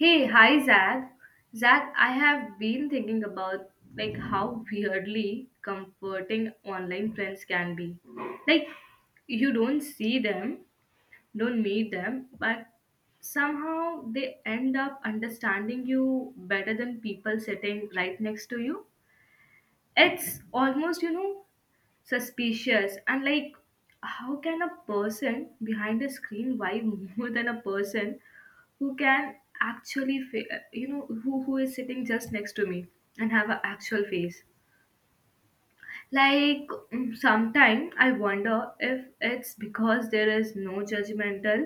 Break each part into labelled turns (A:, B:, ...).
A: Hey, hi Zach. Zach, I have been thinking about like how weirdly comforting online friends can be. Like you don't see them, don't meet them, but somehow they end up understanding you better than people sitting right next to you. It's almost, suspicious and like how can a person behind a screen why more than a person who can actually who is sitting just next to me and have an actual face like sometimes I wonder if it's because there is no judgmental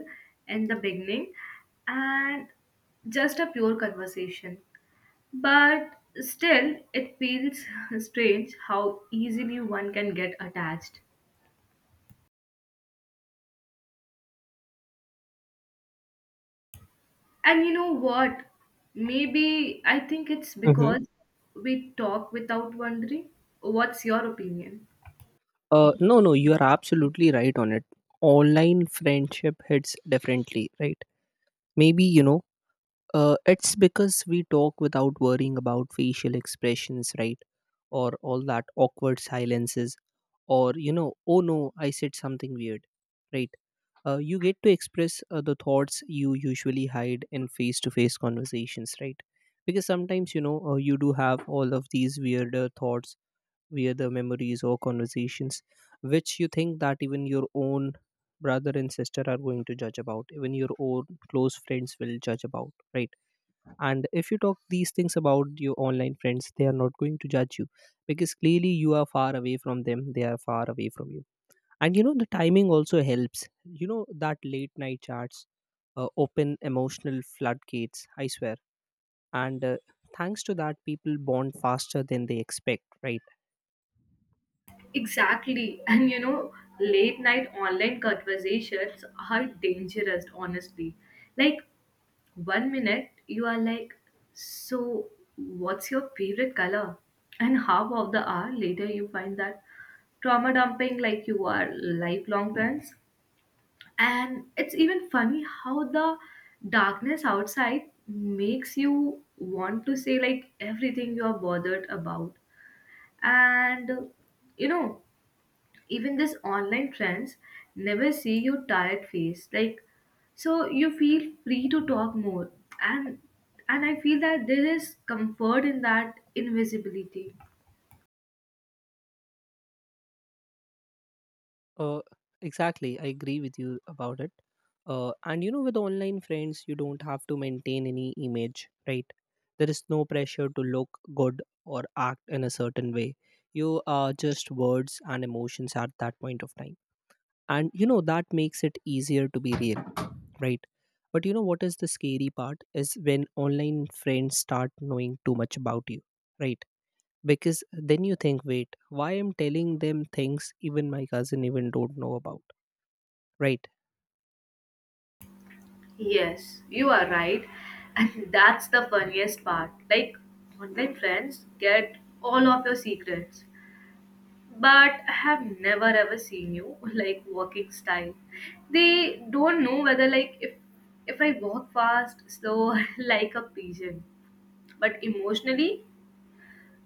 A: in the beginning and just a pure conversation, but still it feels strange how easily one can get attached. And you know what? Maybe I think it's
B: Mm-hmm.
A: because we talk without wondering. What's your opinion?
B: No, no, you are absolutely right on it. Online friendship hits differently, right? Maybe, it's because we talk without worrying about facial expressions, right? Or all that awkward silences, or oh no, I said something weird, right? You get to express the thoughts you usually hide in face to face conversations, right? Because sometimes, you do have all of these weirder thoughts where the memories or conversations which you think that even your own brother and sister are going to judge about, even your own close friends will judge about, right? And if you talk these things about your online friends, they are not going to judge you, because clearly you are far away from them, they are far away from you. And you know, the timing also helps. That late night chats open emotional floodgates, I swear. And thanks to that, people bond faster than they expect, right?
A: Exactly. And you know, late night online conversations are dangerous, honestly. Like, one minute you are like, so, what's your favorite color? And half of the hour later you find that trauma dumping like you are lifelong friends. And it's even funny how the darkness outside makes you want to say like everything you are bothered about. And uh, you know, Even this online trends never see your tired face. Like so you feel free to talk more. And and I feel that there is comfort in that invisibility.
B: Uh, exactly. I agree with you about it. And with online friends, you don't have to maintain any image, right? There is no pressure to look good or act in a certain way. You are just words and emotions at that point of time. And that makes it easier to be real, right? But you know what is the scary part, is when online friends start knowing too much about you, right? Because then you think, wait, why am telling them things even my cousin even don't know about? Right.
A: Yes, you are right. And that's the funniest part. Like, online friends get all of your secrets. But I have never ever seen you like walking style. They don't know whether like if I walk fast, slow, like a pigeon. But emotionally,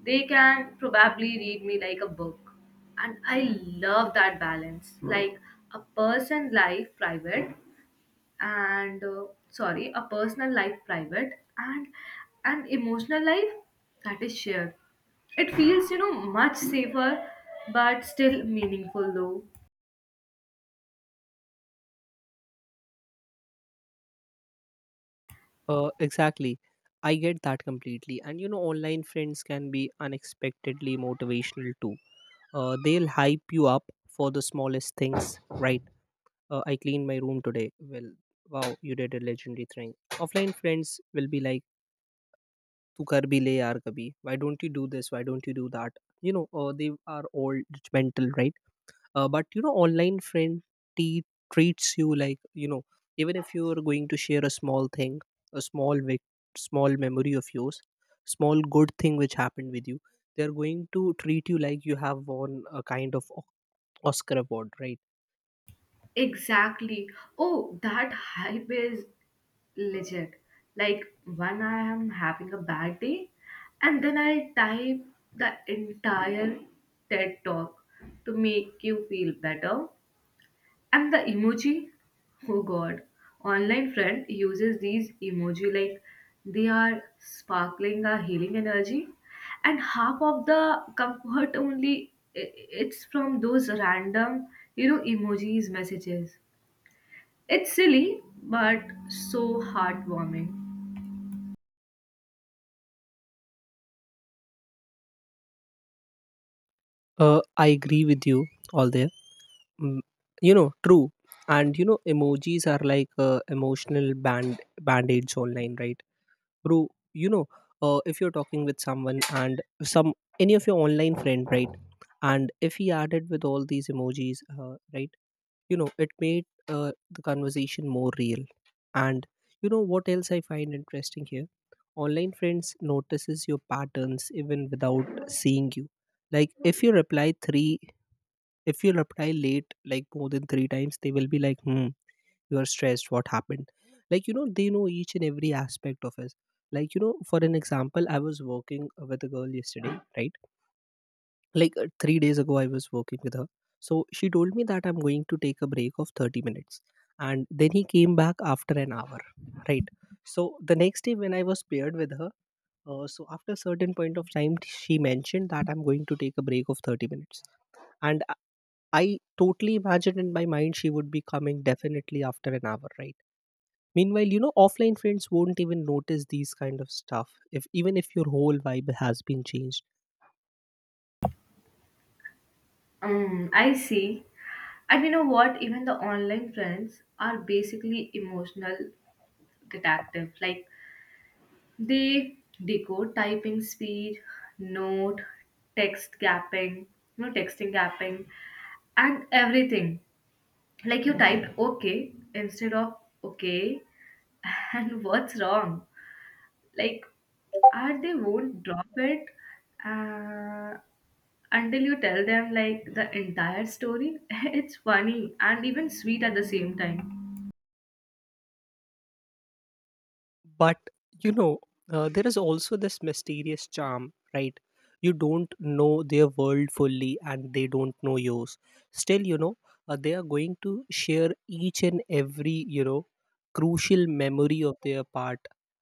A: they can probably read me like a book. And I love that balance. Like a person life private and sorry, a personal life private and an emotional life that is shared, it feels, you know, much safer but still meaningful though.
B: Exactly. I get that completely. And online friends can be unexpectedly motivational too. They'll hype you up for the smallest things, right? I cleaned my room today. Well, wow, you did a legendary thing. Offline friends will be like, "Tu kar bhi le yaar kabhi. Why don't you do this? Why don't you do that?" You know, they are all judgmental, right? But you know, online friend te- treats you like, you know, even if you are going to share a small thing, a small small memory of yours, small good thing which happened with you, they are going to treat you like you have won a kind of Oscar award, right?
A: Exactly. Oh, that hype is legit. Like when I am having a bad day and then I type the entire TED talk to make you feel better. And the emoji? Oh god. Online friend uses these emoji like they are sparkling a healing energy. And half of the comfort only it's from those random, you know, emojis messages. It's silly but so heartwarming.
B: I agree with you all there. mm, you know, true. And you know, emojis are like emotional band-aids online, right? Bro, you know, if you're talking with someone and some any of your online friend, right, and if he added with all these emojis, right, you know it made the conversation more real. And you know what else I find interesting here, online friends notices your patterns even without seeing you. Like, if you reply late, like more than three times, they will be like, hmm, you are stressed, what happened? Like, you know, they know each and every aspect of us. Like, you know, for an example, I was working with a girl yesterday, right? Like, 3 days ago I was working with her. So she told me that I'm going to take a break of 30 minutes, and then he came back after an hour, right? So the next day when I was paired with her, so after a certain point of time, she mentioned that I'm going to take a break of 30 minutes, and I totally imagined in my mind she would be coming definitely after an hour, right? Meanwhile, you know, offline friends won't even notice these kind of stuff if even if your whole vibe has been changed.
A: I see. And you know what? Even the online friends are basically emotional detective. Like they decode typing speed, note, text gapping, you know, texting gapping, and everything. Like you typed okay instead of okay, and what's wrong? Like, are they won't drop it uh, until you tell them like the entire story. It's funny and even sweet at the same time.
B: But you know, there is also this mysterious charm, right? You don't know their world fully and they don't know yours. Still, you know, they are going to share each and every, you know, crucial memory of their part,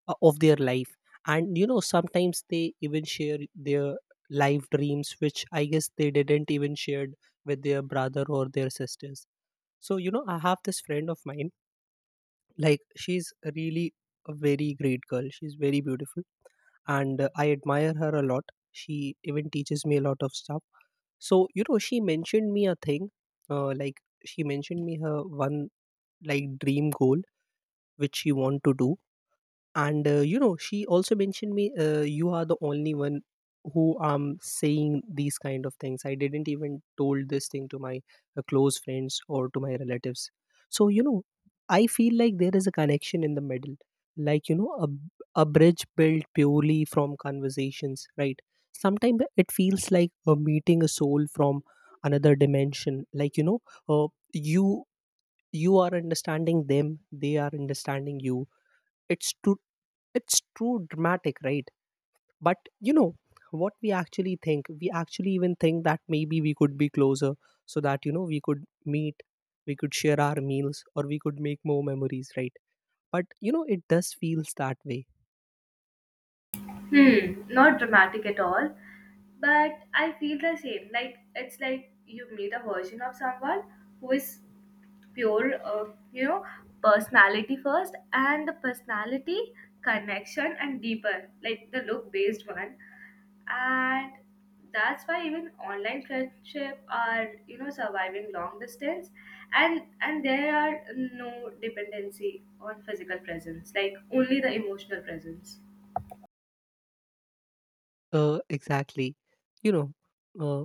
B: of their life. And you know, sometimes they even share their life dreams which I guess they didn't even shared with their brother or their sisters. So you know, I have this friend of mine. Like, she's really a very great girl, she's very beautiful, and I admire her a lot. She even teaches me a lot of stuff. So you know, she mentioned me a thing. Like, she mentioned me her one like dream goal which she want to do. And you know, she also mentioned me, you are the only one who am saying these kind of things. I didn't even told this thing to my close friends or to my relatives. So you know, I feel like there is a connection in the middle. Like, you know, a bridge built purely from conversations, right? Sometimes it feels like meeting a soul from another dimension, like, you know, uh, you you are understanding them, they are understanding you. it's to it's too dramatic, right? But you know what we actually think, we actually even think that maybe we could be closer, so that, you know, we could meet, we could share our meals, or we could make more memories, right? But you know, it does feels that way.
A: Hmm, not dramatic at all, but I feel the same. Like it's like you meet a version of someone who is pure, you know, personality first, and the personality connection and deeper, like the look based one, and that's why even online friendship are, you know, surviving long distance, and there are no dependency on physical presence, like only the emotional presence.
B: Exactly. You know, uh,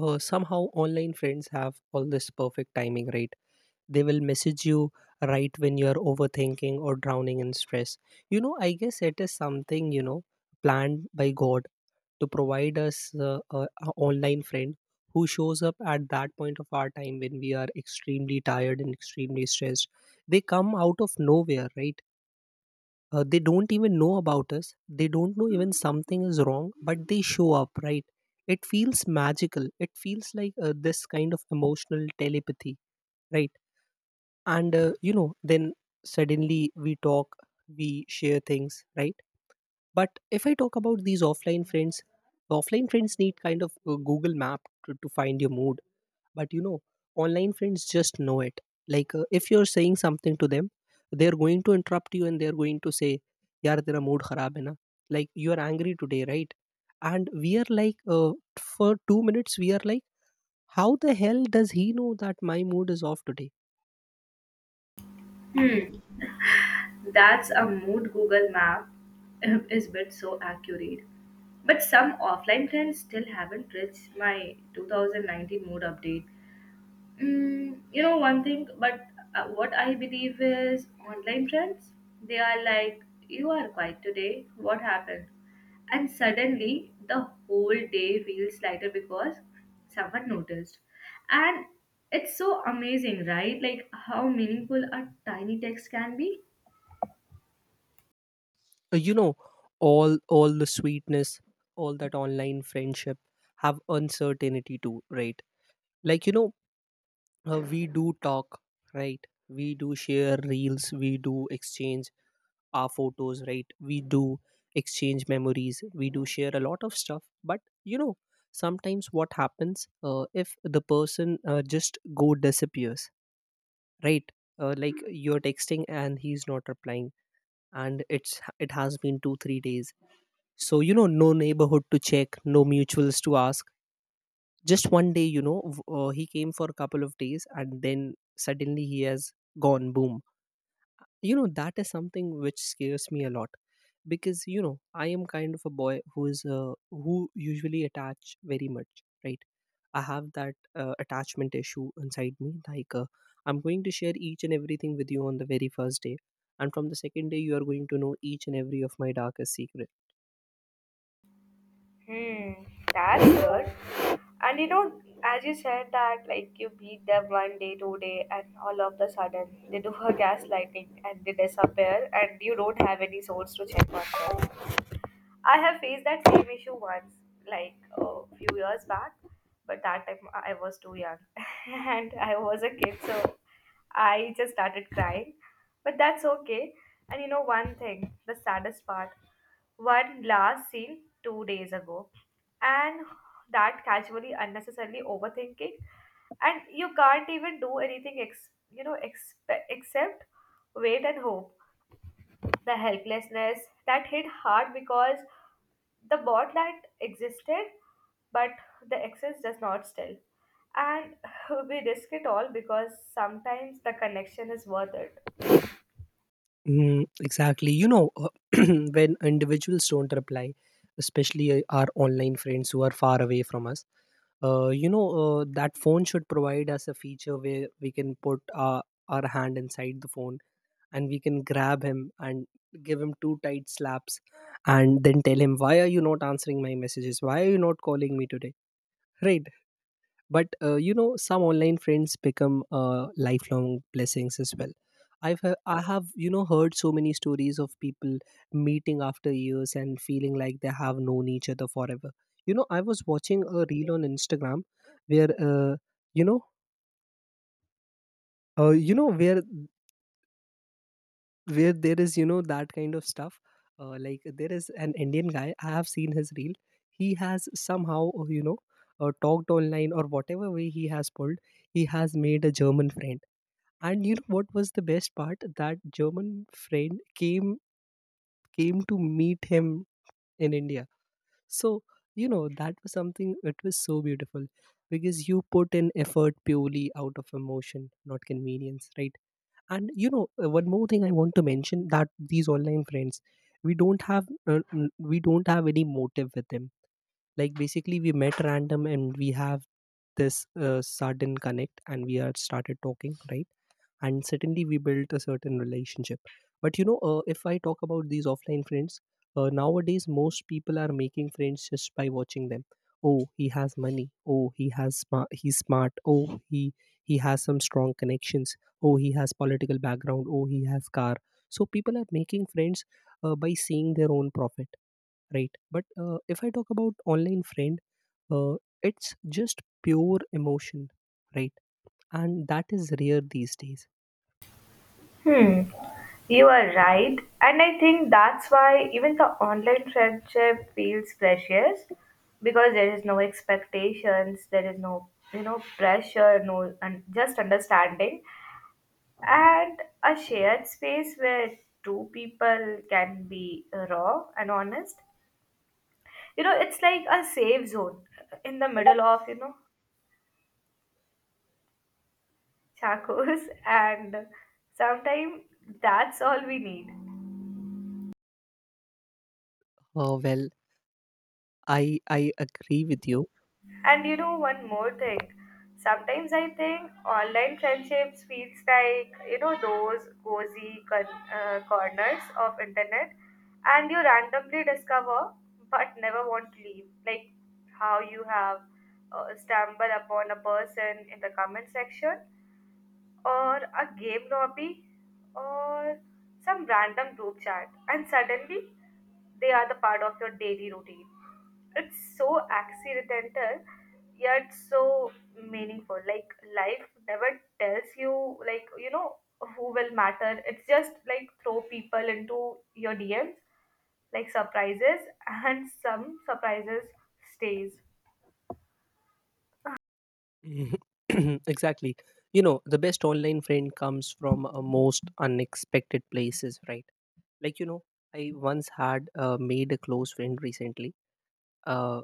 B: somehow online friends have all this perfect timing, right? They will message you right when you're overthinking or drowning in stress. You know, I guess it is something, you know, planned by God to provide us a online friend who shows up at that point of our time when we are extremely tired and extremely stressed. They come out of nowhere, right? They don't even know about us. They don't know even something is wrong, but they show up, right? It feels magical. It feels like this kind of emotional telepathy, right? And you know, then suddenly we talk, we share things, right? But if I talk about these offline friends, the offline friends need kind of a Google Map to find your mood. But you know, online friends just know it. Like, if you're saying something to them, they're going to interrupt you and they're going to say, "yaar tera mood kharab hai na," like, you are angry today, right? And we are like, for 2 minutes we are like, how the hell does he know that my mood is off today?
A: Hmm. That's a mood Google Map is but so accurate. But some offline trends still haven't reached my 2019 mood update. Mm, you know one thing, but what I believe is online trends. They are like, you are quiet today. What happened? And suddenly the whole day feels lighter because someone noticed. And it's so amazing, right? Like how meaningful a tiny text can be.
B: You know, all the sweetness, all that online friendship have uncertainty too, right? Like, you know, we do talk, right, we do share reels, we do exchange our photos, right, we do exchange memories, we do share a lot of stuff. But you know, sometimes what happens, if the person just go disappears, right? Like, you're texting and he's not replying, and it has been 2 3 days. So, you know, no neighborhood to check, no mutuals to ask. Just one day, you know, he came for a couple of days and then suddenly he has gone boom. You know, that is something which scares me a lot, because, you know, I am kind of a boy who is, who usually attach very much, right? I have that attachment issue inside me. Like, I'm going to share each and everything with you on the very first day. And from the second day, you are going to know each and every of my darkest secrets.
A: Hmm, that's good. And you know, as you said that like you beat them one day, two day, and all of the sudden they do a gaslighting and they disappear, and you don't have any source to check on them. I have faced that same issue once, like a few years back, but that time I was too young and I was a kid, so I just started crying. But that's okay. And you know, one thing, the saddest part, one last scene 2 days ago, and that casually, unnecessarily overthinking, and you can't even do anything, except wait and hope. The helplessness that hit hard because the bot that existed, but the access does not still. And we risk it all because sometimes the connection is worth it.
B: Mm, exactly. You know, when individuals don't reply, especially our online friends who are far away from us, you know, that phone should provide us a feature where we can put our hand inside the phone, and we can grab him and give him two tight slaps and then tell him, why are you not answering my messages? Why are you not calling me today? Right. But you know, some online friends become lifelong blessings as well. I have, you know, heard so many stories of people meeting after years and feeling like they have known each other forever. You know, I was watching a reel on Instagram where, you know uh, you know where where there is, that kind of stuff. Like, there is an Indian guy, I have seen his reel. He has somehow talked online or whatever way he has pulled, he has made a German friend. And you know what was the best part? That German friend came to meet him in India. So you know, that was something. It was so beautiful because you put in effort purely out of emotion, not convenience, right? And you know, one more thing I want to mention, that these online friends, we don't have any motive with them. Like, basically, we met random and we have this sudden connect and we are started talking, right? And certainly we built a certain relationship. But you know, if I talk about these offline friends, nowadays most people are making friends just by watching them. Oh, he has money. Oh, he has smart, he's smart. Oh, he has some strong connections. Oh, he has political background. Oh, he has car. So people are making friends by seeing their own profit, right? But if I talk about online friend, uh, it's just pure emotion, right? And that is rare these days.
A: Hmm, you are right. And I think that's why even the online friendship feels precious because there is no expectations, there is no, you know, pressure, no, and just understanding and a shared space where two people can be raw and honest. You know, it's like a safe zone in the middle of, you know, chacos and sometimes that's all we need.
B: Oh, well, I agree with you.
A: And you know one more thing, sometimes I think online friendships feels like, you know, those cozy corners of internet and you randomly discover but never want to leave. Like how you have stumbled upon a person in the comment section or a game lobby or some random group chat and suddenly they are the part of your daily routine. It's so accidental yet so meaningful. Like life never tells you like, you know, who will matter. It's just like throw people into your DMs like surprises, and some surprises stays.
B: Mhm. Exactly. You know, the best online friend comes from most unexpected places, right? Like, you know, I once had made a close friend recently. Uh,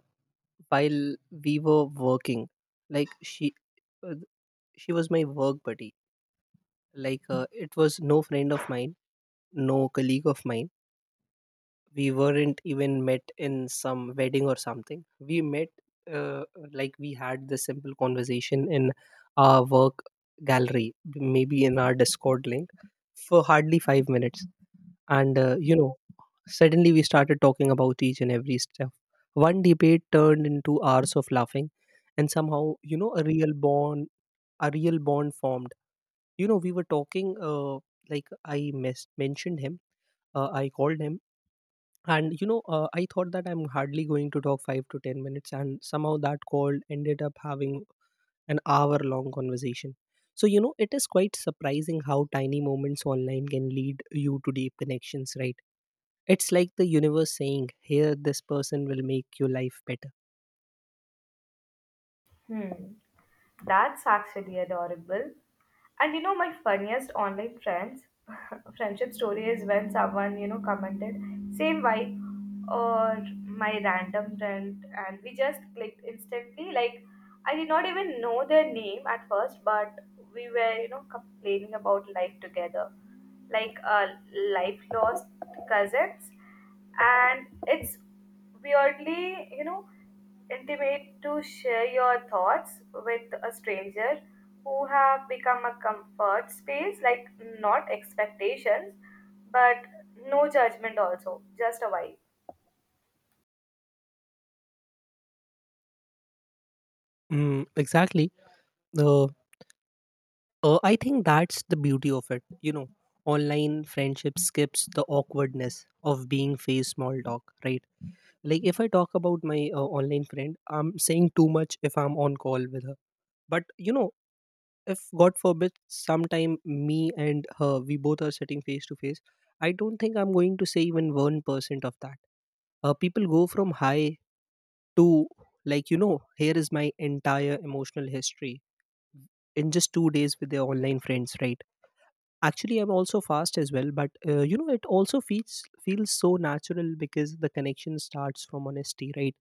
B: while we were working, like uh, she was my work buddy. Like, it was no friend of mine, no colleague of mine. We weren't even met in some wedding or something. We met uh, like we had this simple conversation in our work gallery, maybe in our discord link, for hardly 5 minutes. And you know, suddenly we started talking about each and every stuff. One debate turned into hours of laughing, and somehow, you know, a real bond, a real bond formed. You know, we were talking, like I mentioned him. I called him, and you know, I thought that I'm hardly going to talk 5 to 10 minutes, and somehow that call ended up having an hour long conversation. So you know, it is quite surprising how tiny moments online can lead you to deep connections, right? It's like the universe saying, here, this person will make your life better.
A: Hmm. That's actually adorable. And you know, my funniest online friends friendship story is when someone, you know, commented same vibe or my random friend, and we just clicked instantly. Like I did not even know their name at first, but we were, you know, complaining about life together, like life lost cousins, and it's weirdly, you know, intimate to share your thoughts with a stranger who have become a comfort space, like not expectations, but no judgment also, just a vibe.
B: Mm, exactly. uh, I think that's the beauty of it, you know. Online friendship skips the awkwardness of being face small talk, right? Like if I talk about my online friend, I'm saying too much if I'm on call with her. But you know, if God forbid sometime me and her, we both are sitting face to face, I don't think I'm going to say even 1% of that. People go from high to, like, you know, here is my entire emotional history in just 2 days with their online friends, right? Actually, I'm also fast as well, but you know, it also feels so natural because the connection starts from honesty, right?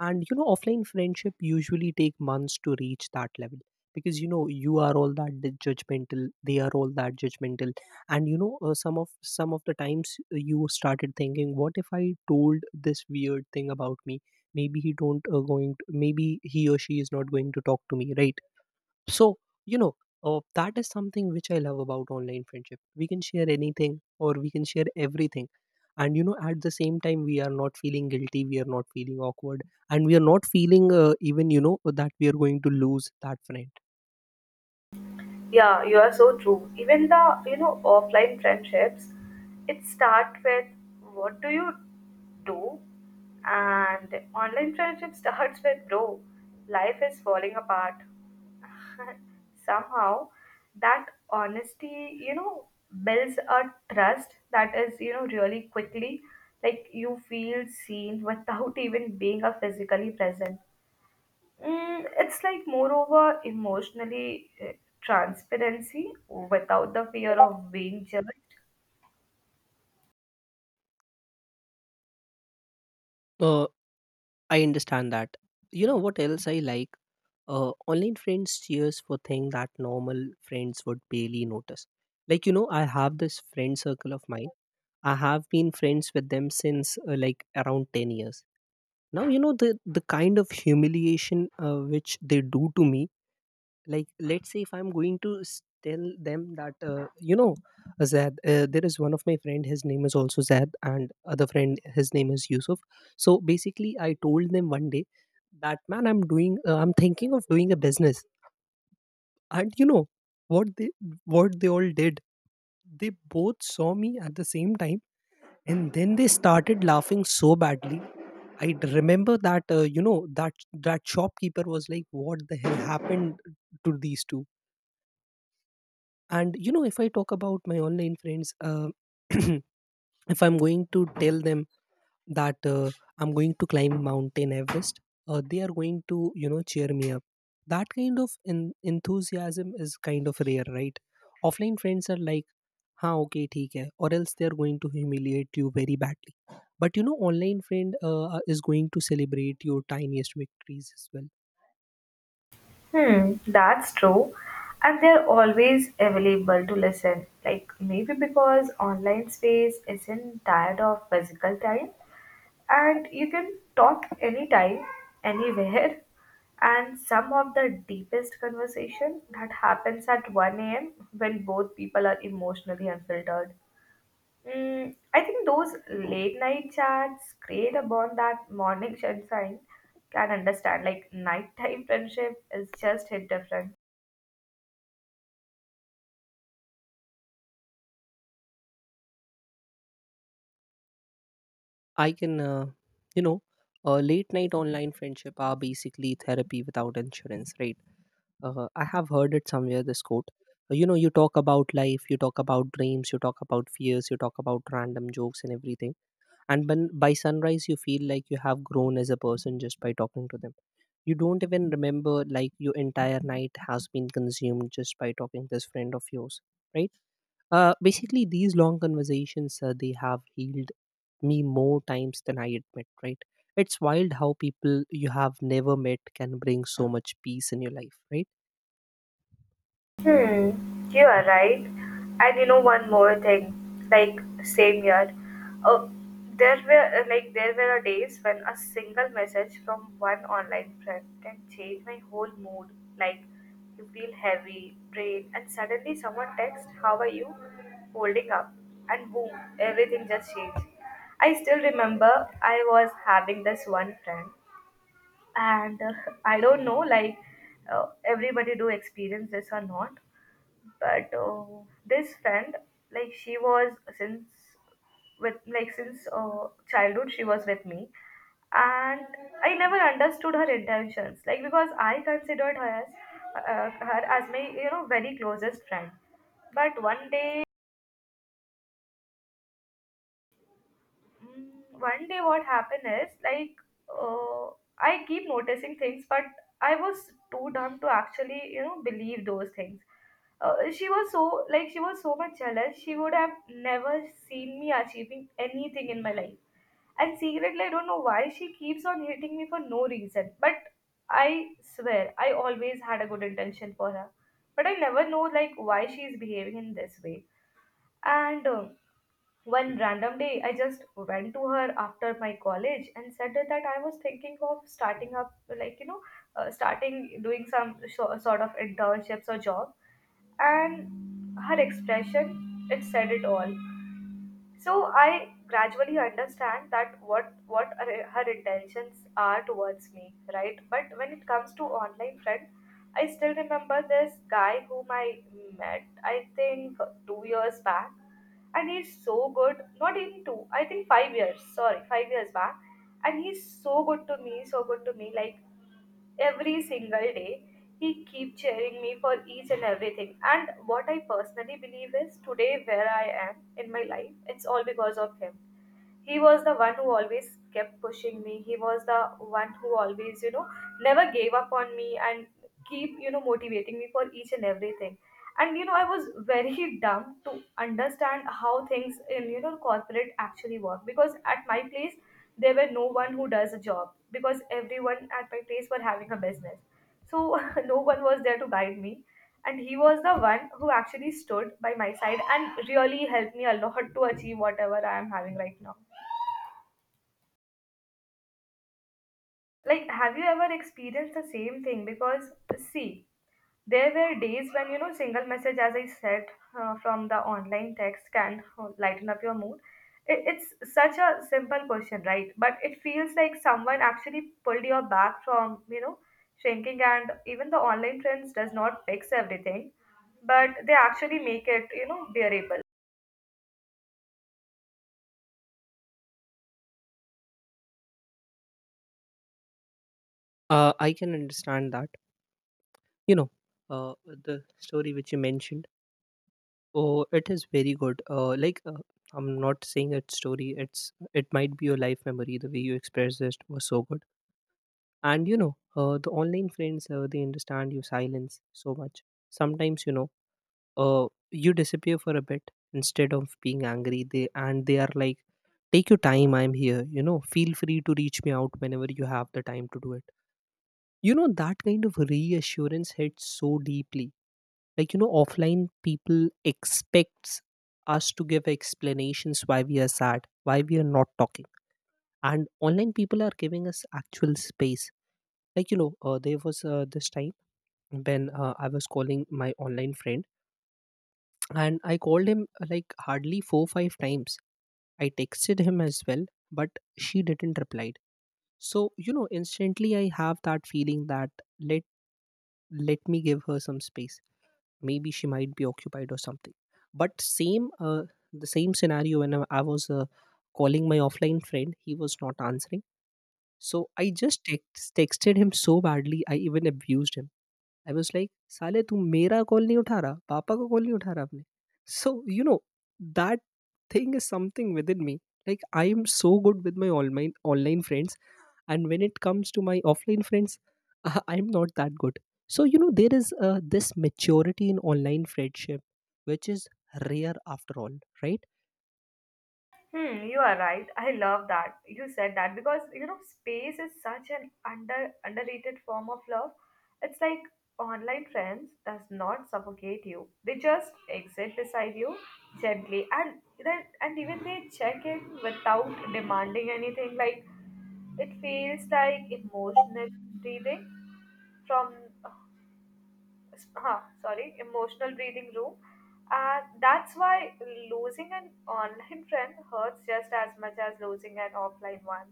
B: And you know, offline friendship usually take months to reach that level, because you know, you are all that judgmental, they are all that judgmental. And you know, some of the times, you started thinking, what if I told this weird thing about me, maybe he don't going to, maybe he or she is not going to talk to me, right? So, you know, that is something which I love about online friendship. We can share anything, or we can share everything. And, you know, at the same time, we are not feeling guilty, we are not feeling awkward, and we are not feeling even, you know, that we are going to lose that friend.
A: Yeah, you are so true. Even the, you know, offline friendships, it start with what do you do? And online friendship starts with bro, life is falling apart. Somehow that honesty, you know, builds a trust that is, you know, really quickly. Like you feel seen without even being a physically present. Mm, it's like moreover emotionally transparency without the fear of being judged.
B: Uh, I understand that. You know what else I like? Online friends cheers for things that normal friends would barely notice. Like, you know, I have this friend circle of mine. I have been friends with them since like around 10 years. Now, you know, the kind of humiliation, which they do to me, like, let's say if I'm going to tell them that, you know, Zad, there is one of my friend, his name is also Zad, and other friend, his name is Yusuf. So basically, I told them one day that, man, I'm thinking of doing a business. And you know, what they, what they all did, they both saw me at the same time, and then they started laughing so badly. I remember that, you know, that that shopkeeper was like, what the hell happened to these two?" And you know, if I talk about my online friends, if I'm going to tell them that I'm going to climb Mountain Everest. They are going to, you know, cheer me up. That kind of enthusiasm is kind of rare, right? Offline friends are like, "Ha, okay, theek hai," or else they are going to humiliate you very badly. But you know, online friend is going to celebrate your tiniest victories as well.
A: Hmm, that's true. And they're always available to listen. Like maybe because online space isn't tired of physical time and you can talk anytime, anywhere. And some of the deepest conversation that happens at 1 a.m when both people are emotionally unfiltered. Mm, I think those late night chats create a bond that morning sunshine can understand, like nighttime friendship is just hit different.
B: I can, uh, you know, late night online friendship are basically therapy without insurance, right? I have heard it somewhere, this quote. You know, you talk about life, you talk about dreams, you talk about fears, you talk about random jokes, and everything. And when by sunrise, you feel like you have grown as a person just by talking to them. You don't even remember like your entire night has been consumed just by talking to this friend of yours, right? Basically, these long conversations, they have healed me more times than I admit, right? It's wild how people you have never met can bring so much peace in your life, right?
A: Hmm, you are right. And you know one more thing, like same year, uh, there were there were days when a single message from one online friend can change my whole mood. Like you feel heavy, drained, and suddenly someone texts, "How are you? Holding up?" And boom, everything just changed. I still remember I was having this one friend, and I don't know like uh, everybody do experience this or not, but this friend, like she was since, with, like since childhood she was with me, and I never understood her intentions like because I considered her as my, you know, very closest friend. But one day, Mm, one day what happened is like, uh, I keep noticing things but I was too dumb to actually, you know, believe those things. She was so, like she was so much jealous, she would have never seen me achieving anything in my life. And secretly I don't know why she keeps on hitting me for no reason, but I swear I always had a good intention for her, but I never know like why she is behaving in this way. And One random day, I just went to her after my college and said that I was thinking of starting up, like, you know, starting doing some sort of internships or job. And her expression, it said it all. So I gradually understand that what are her intentions are towards me, right? But when it comes to online friend, I still remember this guy whom I met, I think 2 years back, and he's so good. Not in two, I think 5 years. Sorry, 5 years back, and he's so good to me, so good to me. Like every single day, he keep cheering me for each and everything. And what I personally believe is today, where I am in my life, it's all because of him. He was the one who always kept pushing me, he was the one who always, you know, never gave up on me and keep, you know, motivating me for each and everything. And you know I was very dumb to understand how things in, you know, corporate actually work, because at my place there were no one who does a job because everyone at my place were having a business. So no one was there to guide me, and he was the one who actually stood by my side and really helped me a lot to achieve whatever I am having right now. Like have you ever experienced the same thing? Because see, there were days when, you know, single message as I said, from the online text can lighten up your mood. It's such a simple question, right, but it feels like someone actually pulled your back from, you know, shrinking. And even the online trends does not fix everything, but they actually make it, you know, bearable.
B: I can understand that. You know, the story which you mentioned. Oh, it is very good. Like, I'm not saying it's story. It might be your life memory. The way you expressed it was so good. And you know, the online friends, they understand your silence so much. Sometimes, you know, you disappear for a bit, instead of being angry, they are like, take your time, I'm here, you know, feel free to reach me out whenever you have the time to do it. You know, that kind of reassurance hits so deeply. Like, you know, offline people expects us to give explanations why we are sad, why we are not talking, and online people are giving us actual space. Like, you know, there was this time when I was calling my online friend, and I called him, like hardly 4, 5 times. I texted him as well, but she didn't reply. So you know, instantly I have that feeling that, let let me give her some space. Maybe she might be occupied or something. But same the same scenario when I was calling my offline friend, he was not answering. So I just texted him so badly. I even abused him. I was like साले तू मेरा call नहीं उठा रहा, पापा का call नहीं उठा रहा आपने। So you know that thing is something within me like I am so good with my online friends. And when it comes to my offline friends, I'm not that good. So you know, there is this maturity in online friendship which is rare after all, right?
A: Hmm, you are right. I love that you said that because you know space is such an under underrated form of love. It's like online friends does not suffocate you. They just exit beside you gently, and then and even they check in without demanding anything. Like it feels like emotional breathing from sorry, emotional breathing room. And that's why losing an online friend hurts just as much as losing an offline one.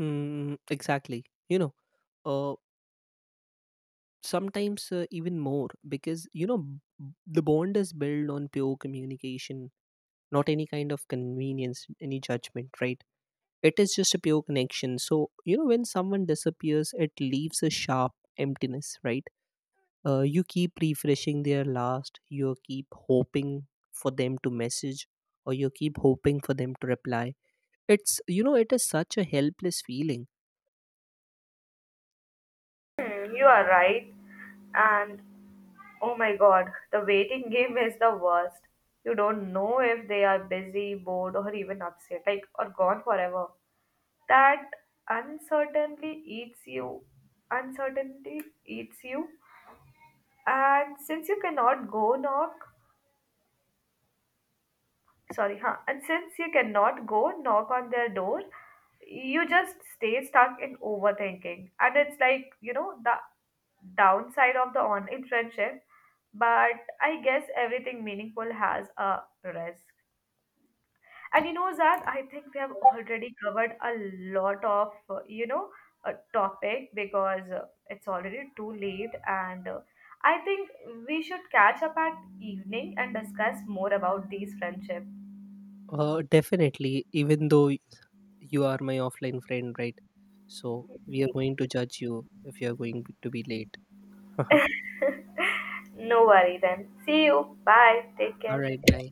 B: Mm, exactly. You know, uh, sometimes even more, because you know, the bond is built on pure communication, not any kind of convenience, any judgment, right? It is just a pure connection. So you know, when someone disappears, it leaves a sharp emptiness, right? You keep refreshing their last, you keep hoping for them to message, or you keep hoping for them to reply. It's You know, it is such a helpless feeling.
A: Hmm, you are right. And oh my god, the waiting game is the worst. You don't know if they are busy, bored, or even upset, like, or gone forever. That uncertainty eats you. Uncertainty eats you. And since you cannot go knock, sorry, and since you cannot go knock on their door, you just stay stuck in overthinking, and it's like, you know, the downside of the online friendship. But I guess everything meaningful has a risk. And you know that I think we have already covered a lot of, you know, a topic because it's already too late, and I think we should catch up at evening and discuss more about these friendship.
B: Definitely, even though you are my offline friend, right? So we are going to judge you if you are going to be late.
A: No worry then. See you. Bye. Take
B: All right,
A: care.
B: bye.